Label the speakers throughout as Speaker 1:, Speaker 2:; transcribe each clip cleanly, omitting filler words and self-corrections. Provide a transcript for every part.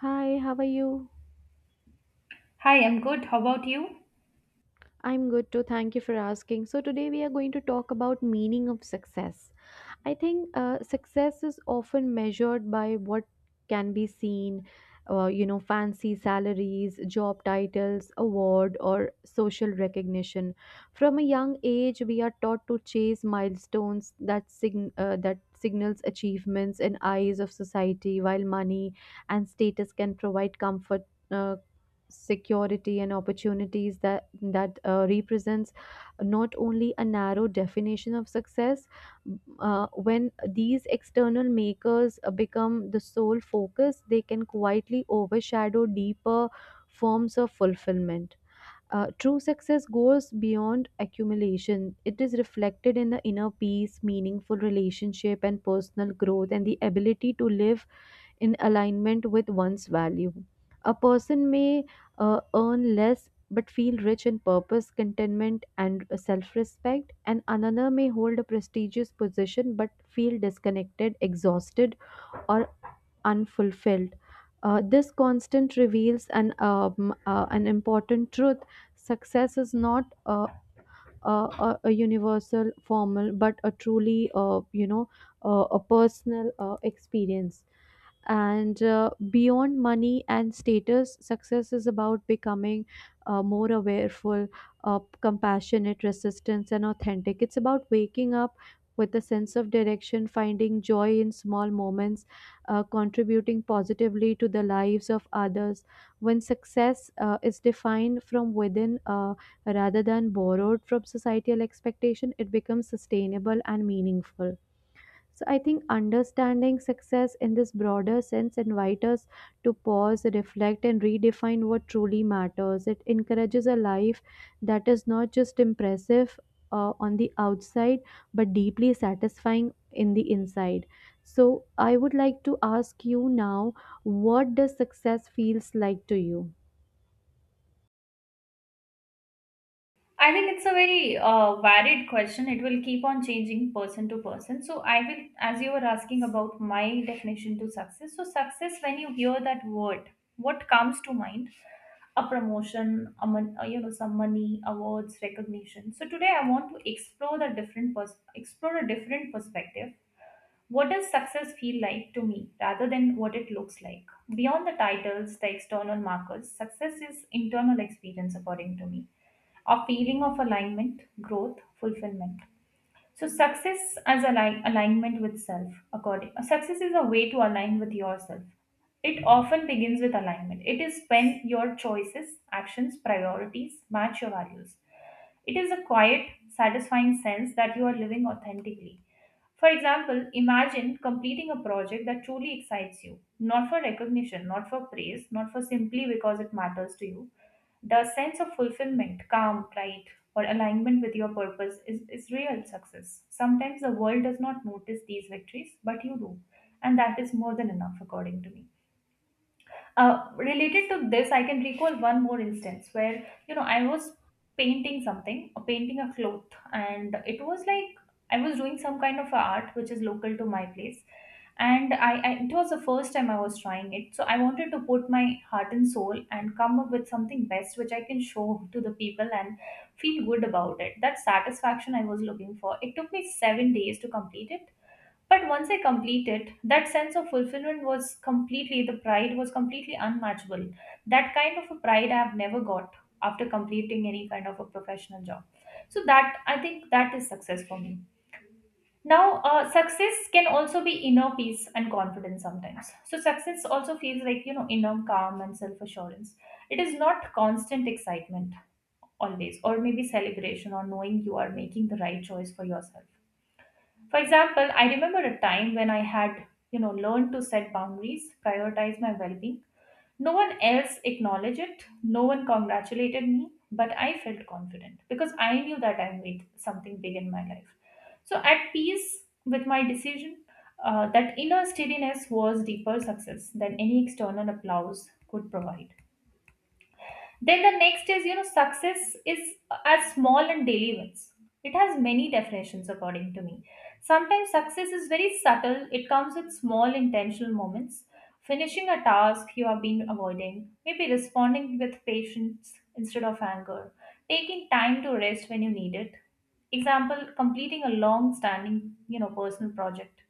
Speaker 1: Hi, how are you?
Speaker 2: Hi, I'm good. How about you?
Speaker 1: I'm good too. Thank you for asking. So today we are going to talk about meaning of success. I think success is often measured by what can be seen, fancy salaries, job titles, award, or social recognition. From a young age, we are taught to chase milestones that sign that signals achievements in eyes of society, while money and status can provide comfort. Uh, Security and opportunities that represents not only a narrow definition of success when these external makers become the sole focus, they can quietly overshadow deeper forms of fulfillment. True success goes beyond accumulation. It is reflected in the inner peace, meaningful relationship, and personal growth, and the ability to live in alignment with one's value. A person may earn less but feel rich in purpose, contentment, and self respect, and another may hold a prestigious position but feel disconnected, exhausted, or unfulfilled. This constant reveals an important truth. Success is not a universal formal, but a truly, a personal experience and beyond money and status, success is about becoming more awareful, compassionate resistance and authentic. It's about waking up with a sense of direction, finding joy in small moments, contributing positively to the lives of others. When success is defined from within, rather than borrowed from societal expectation, it becomes sustainable and meaningful. So I think understanding success in this broader sense invites us to pause, reflect, and redefine what truly matters. It encourages a life that is not just impressive on the outside, but deeply satisfying in the inside. So I would like to ask you now, what does success feels like to you?
Speaker 2: I think it's a very varied question. It will keep on changing person to person. So, I will, as you were asking about my definition to success. So, success, when you hear that word, what comes to mind? A promotion, a mon- you know, some money, awards, recognition. So, today I want to explore a different perspective. What does success feel like to me rather than what it looks like? Beyond the titles, the external markers, success is internal experience, according to me, a feeling of alignment, growth, fulfillment. So, success as alignment with self, according success is a way to align with yourself. It often begins with alignment. It is when your choices, actions, priorities match your values. It is a quiet, satisfying sense that you are living authentically. For example, imagine completing a project that truly excites you, not for recognition, not for praise, not for simply because it matters to you. The sense of fulfillment, calm, pride, or alignment with your purpose is real success. Sometimes the world does not notice these victories, but you do. And that is more than enough, according to me. Related to this, I can recall one more instance where I was painting something, painting a cloth, and it was like I was doing some kind of a art which is local to my place, and I it was the first time I was trying it, so I wanted to put my heart and soul and come up with something best which I can show to the people and feel good about it. That satisfaction I was looking for. It took me 7 days to complete it, but once I completed, that sense of fulfillment was completely, the pride was completely unmatchable. That kind of a pride I have never got after completing any kind of a professional job. So that, I think that is success for me. Now, success can also be inner peace and confidence sometimes. So success also feels like, inner calm and self-assurance. It is not constant excitement always, or maybe celebration or knowing you are making the right choice for yourself. For example, I remember a time when I had, learned to set boundaries, prioritize my well-being. No one else acknowledged it, no one congratulated me, but I felt confident because I knew that I made something big in my life. So at peace with my decision, that inner steadiness was deeper success than any external applause could provide. Then the next is, success is as small and daily wins. It has many definitions according to me. Sometimes success is very subtle, it comes with small intentional moments. Finishing a task you have been avoiding, maybe responding with patience instead of anger, taking time to rest when you need it. Example, completing a long standing, personal project,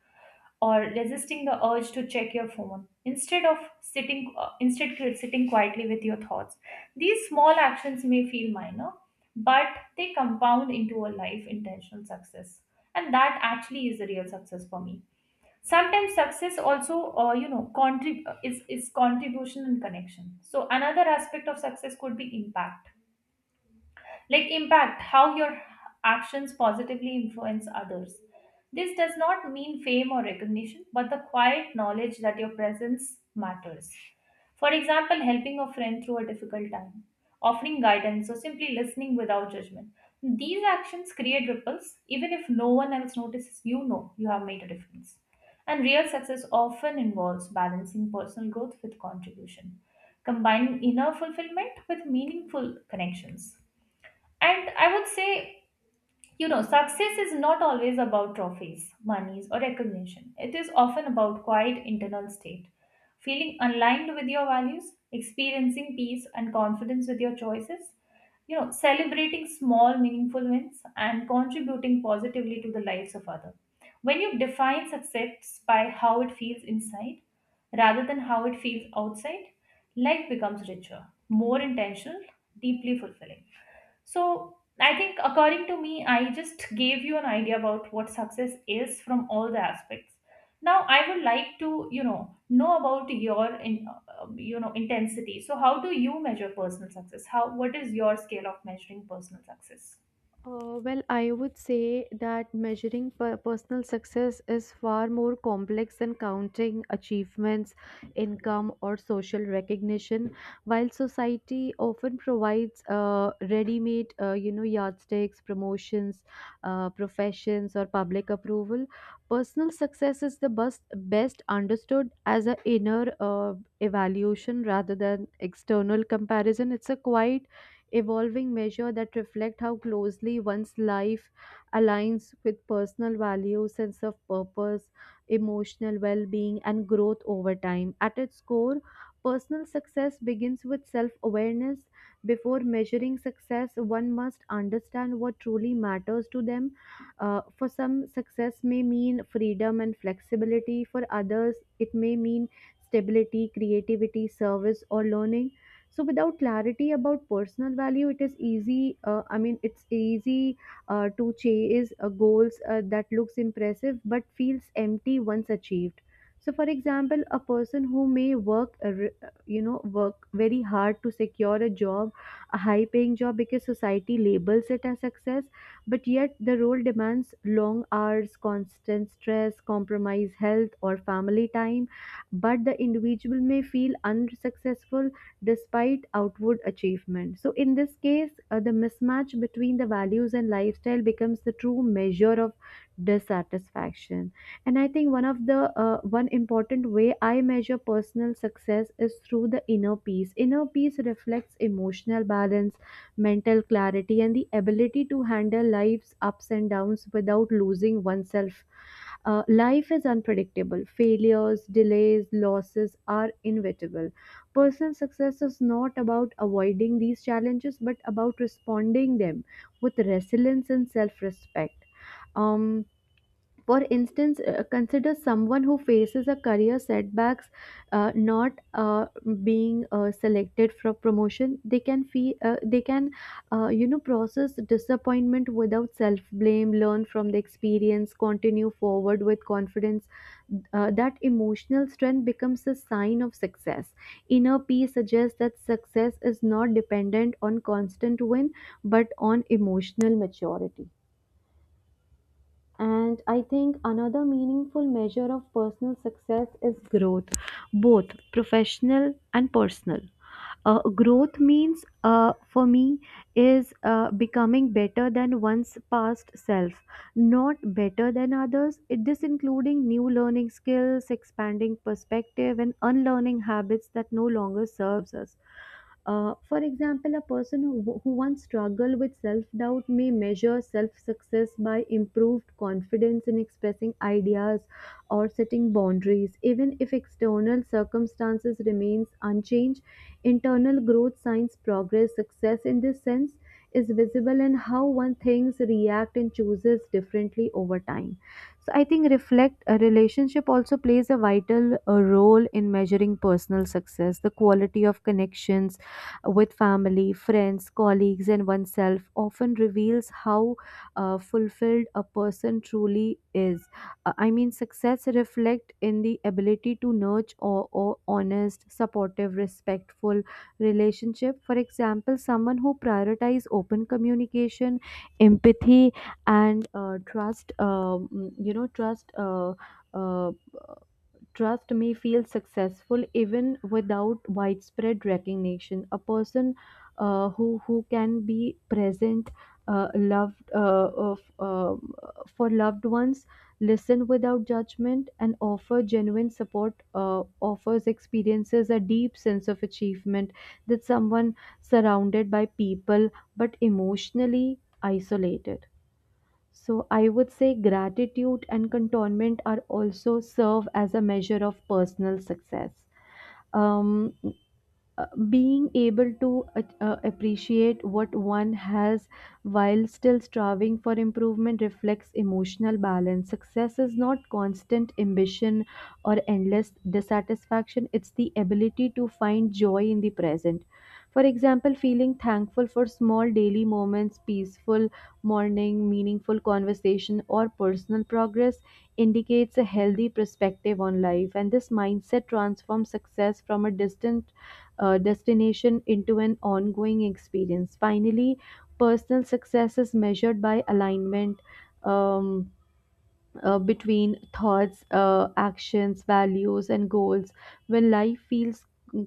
Speaker 2: or resisting the urge to check your phone instead of sitting quietly with your thoughts. These small actions may feel minor, but they compound into a life intentional success, and that actually is the real success for me. Sometimes success also is contribution and connection. So another aspect of success could be impact, like impact how your actions positively influence others. This does not mean fame or recognition, but the quiet knowledge that your presence matters. For example, helping a friend through a difficult time, offering guidance, or simply listening without judgment. These actions create ripples, even if no one else notices, you have made a difference. And real success often involves balancing personal growth with contribution, combining inner fulfillment with meaningful connections. And I would say, success is not always about trophies, monies, or recognition. It is often about quiet internal state, feeling aligned with your values, experiencing peace and confidence with your choices, celebrating small, meaningful wins, and contributing positively to the lives of others. When you define success by how it feels inside rather than how it feels outside, life becomes richer, more intentional, deeply fulfilling. So, I think according to me, I just gave you an idea about what success is from all the aspects. Now, I would like to, know about your, intensity. So, how do you measure personal success? How, what is your scale of measuring personal success?
Speaker 1: Well, I would say that measuring personal success is far more complex than counting achievements, income, or social recognition. While society often provides ready-made, yardsticks, promotions, professions, or public approval, personal success is the best best understood as an inner evaluation rather than external comparison. It's a quiet evolving measure that reflect how closely one's life aligns with personal values, sense of purpose, emotional well-being, and growth over time. At its core, personal success begins with self-awareness. Before measuring success, one must understand what truly matters to them. For some, success may mean freedom and flexibility. For others, it may mean stability, creativity, service, or learning. So without clarity about personal value, it is easy, I mean it's easy to chase goals that looks impressive but feels empty once achieved. So for example, a person who may work, work very hard to secure a job, a high paying job, because society labels it as success, but yet the role demands long hours, constant stress, compromise health or family time, but the individual may feel unsuccessful despite outward achievement. So, in this case, the mismatch between the values and lifestyle becomes the true measure of dissatisfaction. And I think one of the one important way I measure personal success is through the inner peace. Inner peace reflects emotional balance, mental clarity, and the ability to handle life's ups and downs without losing oneself. Life is unpredictable. Failures, delays, losses are inevitable. Personal success is not about avoiding these challenges but about responding them with resilience and self-respect. Um for instance, consider someone who faces a career setbacks, not being selected for promotion. They can, process disappointment without self blame. Learn from the experience. Continue forward with confidence. That emotional strength becomes a sign of success. Inner peace suggests that success is not dependent on constant win, but on emotional maturity. And I think another meaningful measure of personal success is growth, both professional and personal. Growth means, for me, is becoming better than one's past self, not better than others. This including new learning skills, expanding perspective, and unlearning habits that no longer serves us. For example, who once struggled with self doubt may measure self success by improved confidence in expressing ideas or setting boundaries. Even if external circumstances remains unchanged, internal growth signs progress. Success in this sense is visible in how one thinks, react, and chooses differently over time. So I think reflect a relationship also plays a vital role in measuring personal success, the quality of connections with family, friends, colleagues, and oneself often reveals how fulfilled a person truly is. I mean, success reflect in the ability to nurture or honest, supportive, respectful relationship. For example, someone who prioritizes open communication, empathy, and trust you know trust uh, trust may feel successful even without widespread recognition. A person, who can be present, uh, loved uh, of, uh, for loved ones, listen without judgment, and offer genuine support, offers experiences a deep sense of achievement that someone surrounded by people but emotionally isolated. So I would say gratitude and contentment are also serve as a measure of personal success. Um, Being able to appreciate what one has while still striving for improvement reflects emotional balance. Success is not constant ambition or endless dissatisfaction, it's the ability to find joy in the present. For example, feeling thankful for small daily moments, peaceful morning, meaningful conversation, or personal progress indicates a healthy perspective on life. And this mindset transforms success from a distant destination into an ongoing experience. Finally, personal success is measured by alignment. Um, Between thoughts, actions, values, and goals. When life feels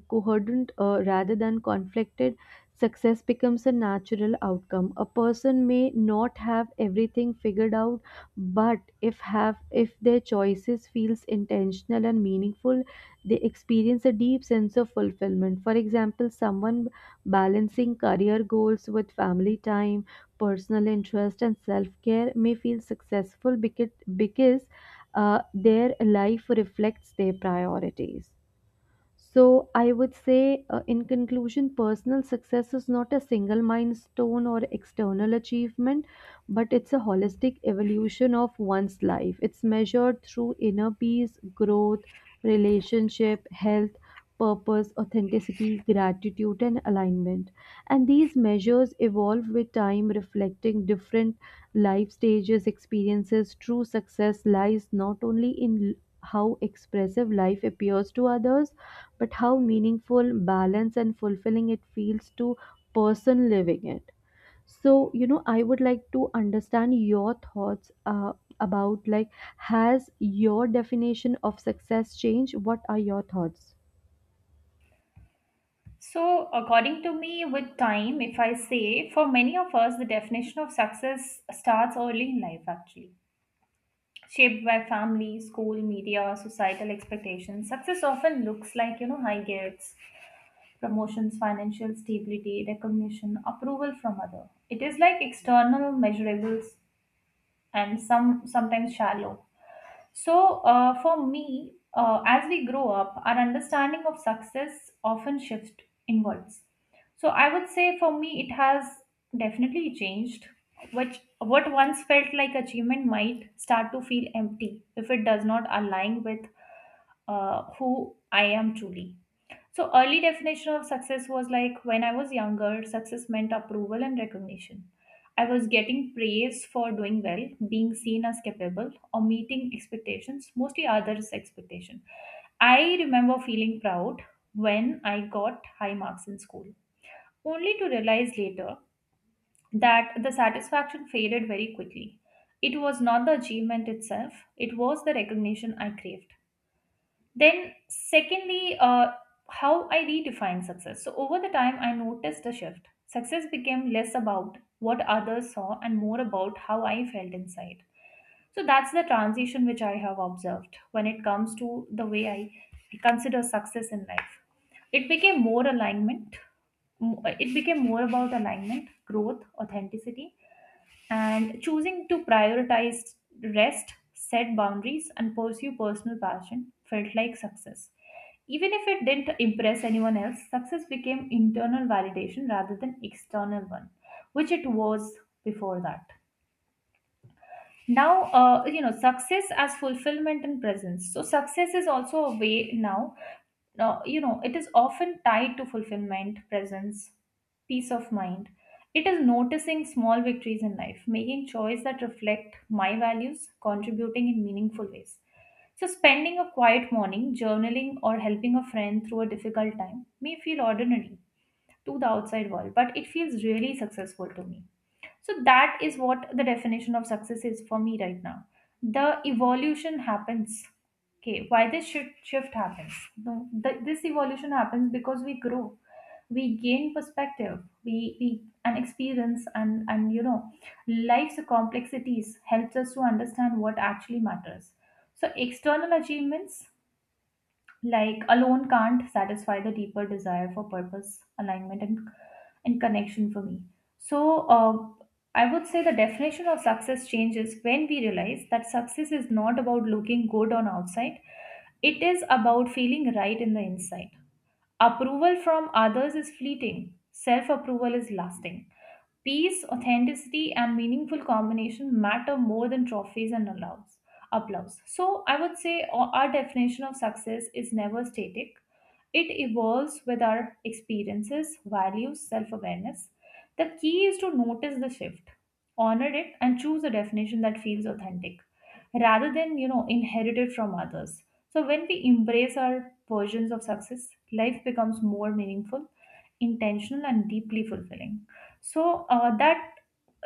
Speaker 1: coherent rather than conflicted, success becomes a natural outcome. A person may not have everything figured out, but if their choices feels intentional and meaningful, they experience a deep sense of fulfillment. For example, someone balancing career goals with family time, personal interest and self care may feel successful because their life reflects their priorities. So, I would say, in conclusion, personal success is not a single milestone or external achievement, but it's a holistic evolution of one's life. It's measured through inner peace, growth, relationship, health, purpose, authenticity, gratitude, and alignment. And these measures evolve with time, reflecting different life stages, experiences. True success lies not only in how expressive life appears to others but how meaningful, balanced, and fulfilling it feels to person living it. So, you know, I would like to understand your thoughts about like, has your definition of success changed? What are your thoughts?
Speaker 2: So, according to me, with time, if I say, for many of us, the definition of success starts early in life actually. Shaped by family, school, media, societal expectations, success often looks like, high grades, promotions, financial stability, recognition, approval from other. It is like external measurables and sometimes shallow. So for me, as we grow up, our understanding of success often shifts inwards. So I would say for me, it has definitely changed. Which what once felt like achievement might start to feel empty if it does not align with who I am truly. So early definition of success was like when I was younger, success meant approval and recognition. I was getting praise for doing well, being seen as capable, or meeting expectations, mostly others' expectation. I remember feeling proud when I got high marks in school, only to realize later that the satisfaction faded very quickly. It was not the achievement itself, it was the recognition I craved. Then, secondly, how I redefine success. So, over the time, I noticed a shift. Success became less about what others saw and more about how I felt inside. So, that's the transition which I have observed when it comes to the way I consider success in life. It became more alignment, it became more about alignment, growth, authenticity, and choosing to prioritize rest, set boundaries, and pursue personal passion felt like success. Even if it didn't impress anyone else, success became internal validation rather than external one, which it was before that. Now success as fulfillment and presence. So success is also a way now. It is often tied to fulfillment, presence, peace of mind. It is noticing small victories in life, making choices that reflect my values, contributing in meaningful ways. So spending a quiet morning journaling or helping a friend through a difficult time may feel ordinary to the outside world, but it feels really successful to me. So that is what the definition of success is for me right now. The evolution happens. Okay, why this shift happens. No, this evolution happens because we grow. We gain perspective, we and experience, and life's complexities helps us to understand what actually matters. So external achievements like alone can't satisfy the deeper desire for purpose, alignment, and connection for me. So I would say the definition of success changes when we realize that success is not about looking good on outside. It is about feeling right in the inside. Approval from others is fleeting, self approval is lasting. Peace, authenticity, and meaningful combination matter more than trophies and applause. So, I would say our definition of success is never static. It evolves with our experiences, values, self awareness. The key is to notice the shift, honor it, and choose a definition that feels authentic rather than inherited from others. So when we embrace our versions of success, life becomes more meaningful, intentional, and deeply fulfilling. So that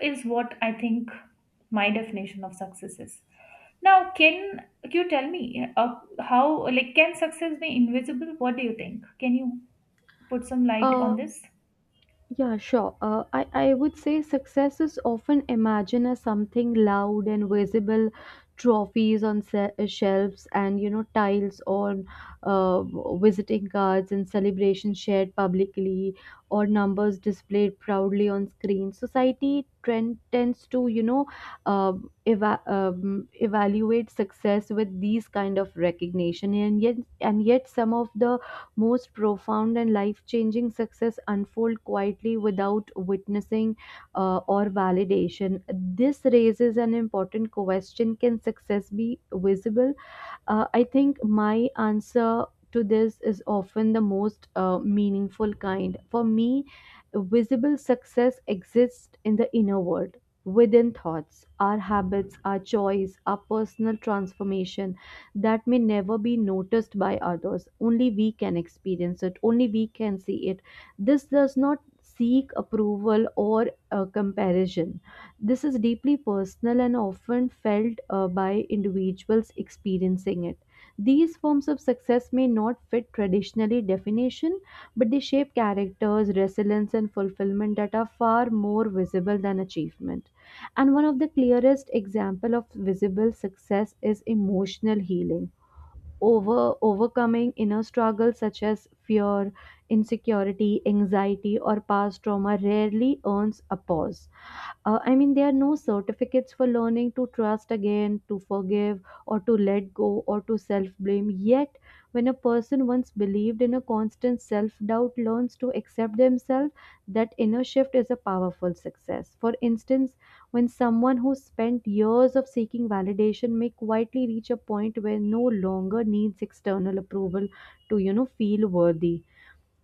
Speaker 2: is what I think my definition of success is. Now, can you tell me, how, like, can success be invisible? What do you think? Can you put some light
Speaker 1: Uh,
Speaker 2: on this?
Speaker 1: Yeah, sure. I would say success is often imagined as something loud and visible, trophies on shelves and, you know, tiles on uh, visiting cards and celebrations shared publicly or numbers displayed proudly on screen. Society trend tends to, you know, evaluate success with these kind of recognition. And yet some of the most profound and life changing success unfold quietly without witnessing or validation. This raises an important question: can success be visible? I think my answer to this is often the most meaningful kind. For me, visible success exists in the inner world, within thoughts, our habits, our choice, our personal transformation that may never be noticed by others. Only we can experience it, only we can see it. This does not seek approval or comparison. This is deeply personal and often felt by individuals experiencing it. These forms of success may not fit traditionally definition, but they shape characters, resilience, and fulfillment that are far more visible than achievement. And one of the clearest example of visible success is emotional healing. Overcoming inner struggles such as fear, insecurity, anxiety, or past trauma rarely earns applause. I mean, there are no certificates for learning to trust again, to forgive, or to let go, or to self blame. Yet, when a person once believed in a constant self doubt learns to accept themselves, that inner shift is a powerful success. For instance, when someone who spent years of seeking validation may quietly reach a point where no longer needs external approval to, you know, feel worthy,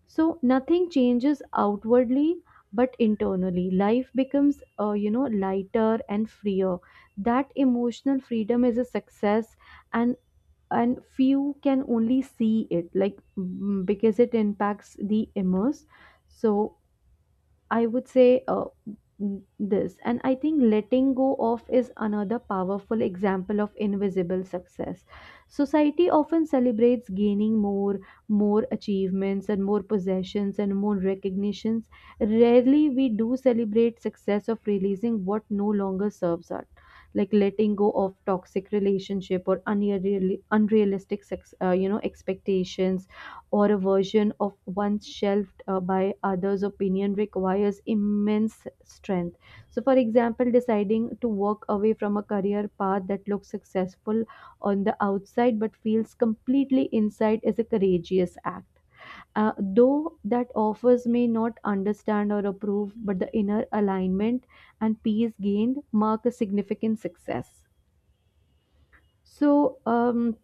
Speaker 1: so nothing changes outwardly, but internally, life becomes, lighter and freer. That emotional freedom is a success, and and few can only see it, like mm, because it impacts the immerse. So I would say and I think letting go of is another powerful example of invisible success. Society often celebrates gaining more, more achievements, and more possessions, and more recognitions. Rarely we do celebrate success of releasing what no longer serves us. Like letting go of toxic relationship or unreal, unrealistic, expectations or a version of once shelved by others' opinion requires immense strength. So, for example, deciding to walk away from a career path that looks successful on the outside but feels completely inside is a courageous act. Though that offers may not understand or approve, but the inner alignment and peace gained mark a significant success. So, um,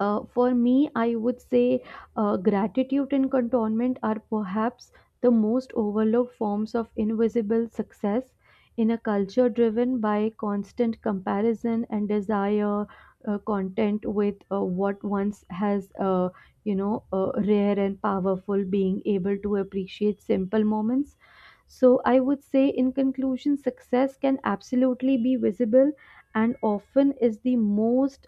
Speaker 1: for me, I would say gratitude and contentment are perhaps the most overlooked forms of invisible success in a culture driven by constant comparison and desire, content with what once has, rare and powerful, being able to appreciate simple moments. So, I would say, in conclusion, success can absolutely be visible and often is the most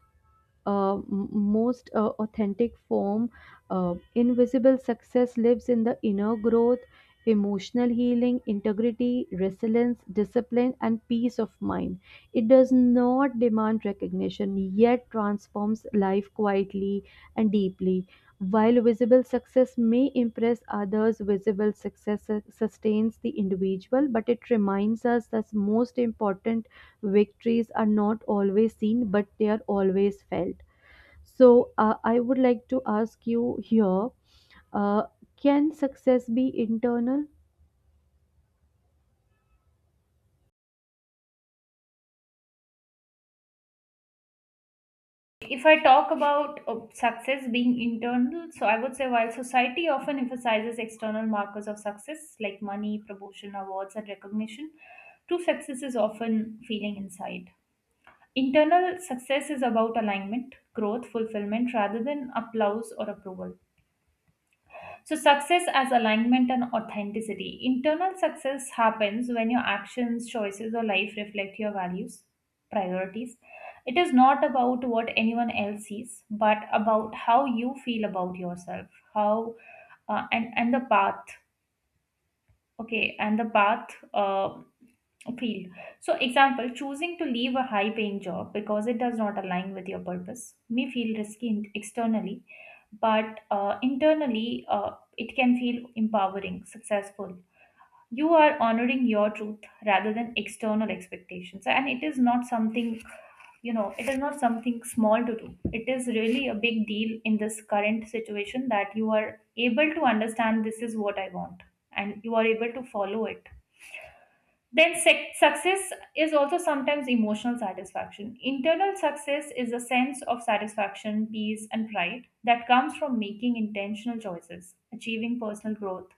Speaker 1: authentic form. Invisible success lives in the inner growth, emotional healing, integrity, resilience, discipline, and peace of mind. It does not demand recognition, yet transforms life quietly and deeply. While visible success may impress others, visible success sustains the individual, but it reminds us that most important victories are not always seen, but they are always felt. So, I would like to ask you here uh, can success be internal?
Speaker 2: If I talk about success being internal, so I would say while society often emphasizes external markers of success like money, promotion, awards, and recognition, true success is often feeling inside. Internal success is about alignment, growth, fulfillment rather than applause or approval. So, success as alignment and authenticity. Internal success happens when your actions, choices, or life reflect your values, priorities. It is not about what anyone else sees, but about how you feel about yourself, how and the path. Okay, and the path field. So, example, choosing to leave a high paying job because it does not align with your purpose may feel risky externally, but internally it can feel empowering, successful. You are honoring your truth rather than external expectations, and it is not something, it is not something small to do. It is really a big deal in this current situation that you are able to understand this is what I want, and you are able to follow it. Then success is also sometimes emotional satisfaction. Internal success is a sense of satisfaction, peace, and pride that comes from making intentional choices, achieving personal growth,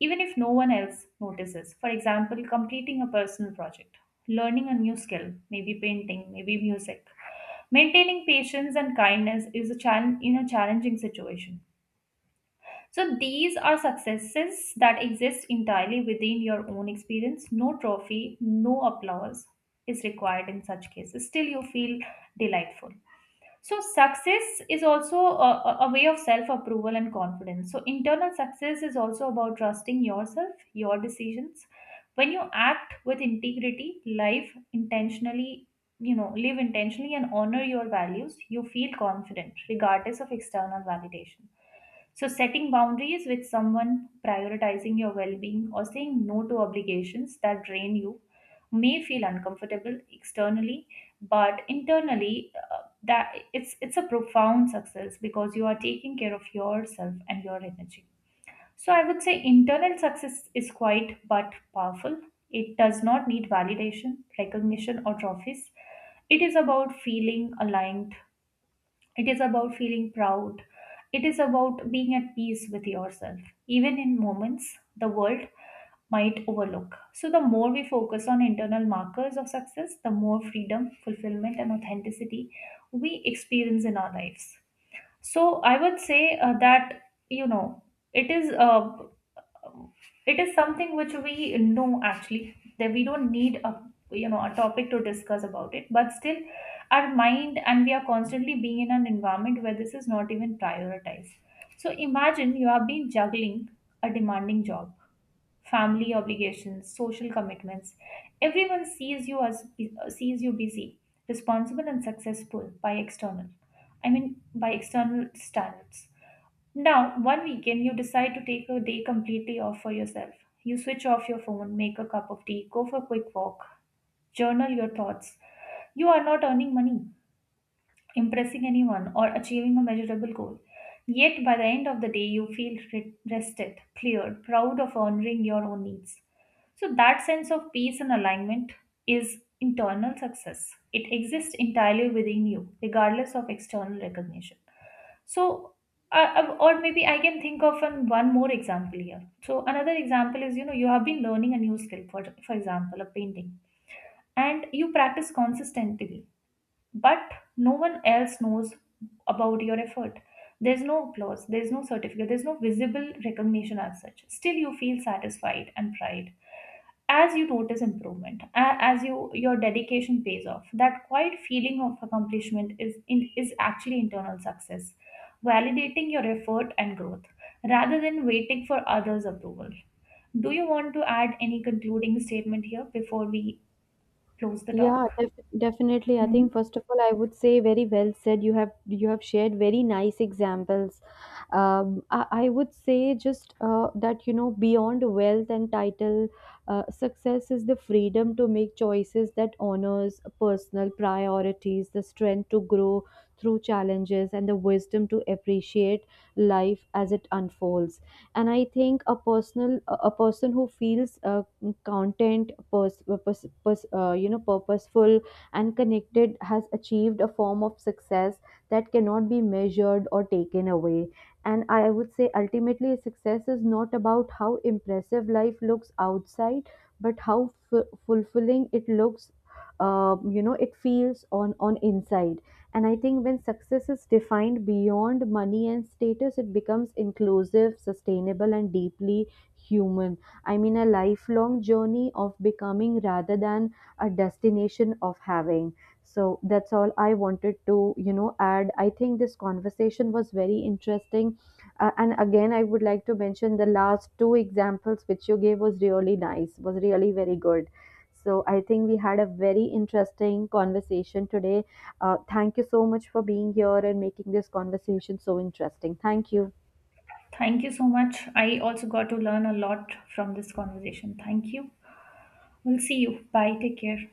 Speaker 2: even if no one else notices. For example, completing a personal project, learning a new skill, maybe painting, maybe music. Maintaining patience and kindness is a challenge in a challenging situation. So these are successes that exist entirely within your own experience. No trophy, no applause is required in such cases. Still, you feel delightful. So, success is also a way of self approval and confidence. So, internal success is also about trusting yourself, your decisions. When you act with integrity, life intentionally, you know, live intentionally and honor your values, you feel confident regardless of external validation. So, setting boundaries with someone, prioritizing your well being, or saying no to obligations that drain you may feel uncomfortable externally, but internally that it's a profound success, because you are taking care of yourself and your energy. So I would say internal success is quite but powerful. It does not need validation, recognition, or trophies. It is about feeling aligned. It is about feeling proud. It is about being at peace with yourself, even in moments the world might overlook. So, the more we focus on internal markers of success, the more freedom, fulfillment, and authenticity we experience in our lives. So, I would say that, you know, it is. It is something which we know actually that we don't need a you know a topic to discuss about it, but still our mind, and we are constantly being in an environment where this is not even prioritized. So imagine you have been juggling a demanding job, family obligations, social commitments. Everyone sees you busy, responsible, and successful by external, I mean, by external standards. Now, one weekend, you decide to take a day completely off for yourself. You switch off your phone, make a cup of tea, go for a quick walk, journal your thoughts. You are not earning money, impressing anyone, or achieving a measurable goal. Yet by the end of the day, you feel rested, cleared, proud of honoring your own needs. So, that sense of peace and alignment is internal success. It exists entirely within you, regardless of external recognition. So, or maybe I can think of one more example here. So, another example is, you have been learning a new skill, for example, a painting, and you practice consistently, but no one else knows about your effort. There's no applause, there's no certificate, there's no visible recognition as such. Still, you feel satisfied and pride as you notice improvement, as you your dedication pays off. That quiet feeling of accomplishment is actually internal success, validating your effort and growth rather than waiting for others' approval. Do you want to add any concluding statement here before we close the
Speaker 1: Yeah,
Speaker 2: talk?
Speaker 1: definitely. I
Speaker 2: Hmm.
Speaker 1: think first of all, I would say very well said. You have shared very nice examples. I would say just that you know beyond wealth and title, success is the freedom to make choices that honors personal priorities, the strength to grow through challenges, and the wisdom to appreciate life as it unfolds. And I think a person who feels content, purposeful and connected has achieved a form of success that cannot be measured or taken away. And I would say ultimately success is not about how impressive life looks outside, but how fulfilling it looks, it feels on inside. And I think when success is defined beyond money and status, it becomes inclusive, sustainable and deeply human. I mean, a lifelong journey of becoming rather than a destination of having. So that's all I wanted to, you know, add. I think this conversation was very interesting. And again, I would like to mention the last two examples which you gave was really nice, was really very good. So I think we had a very interesting conversation today. Thank you so much for being here and making this conversation so interesting. Thank you.
Speaker 2: Thank you so much. I also got to learn a lot from this conversation. Thank you. We'll see you. Bye. Take care.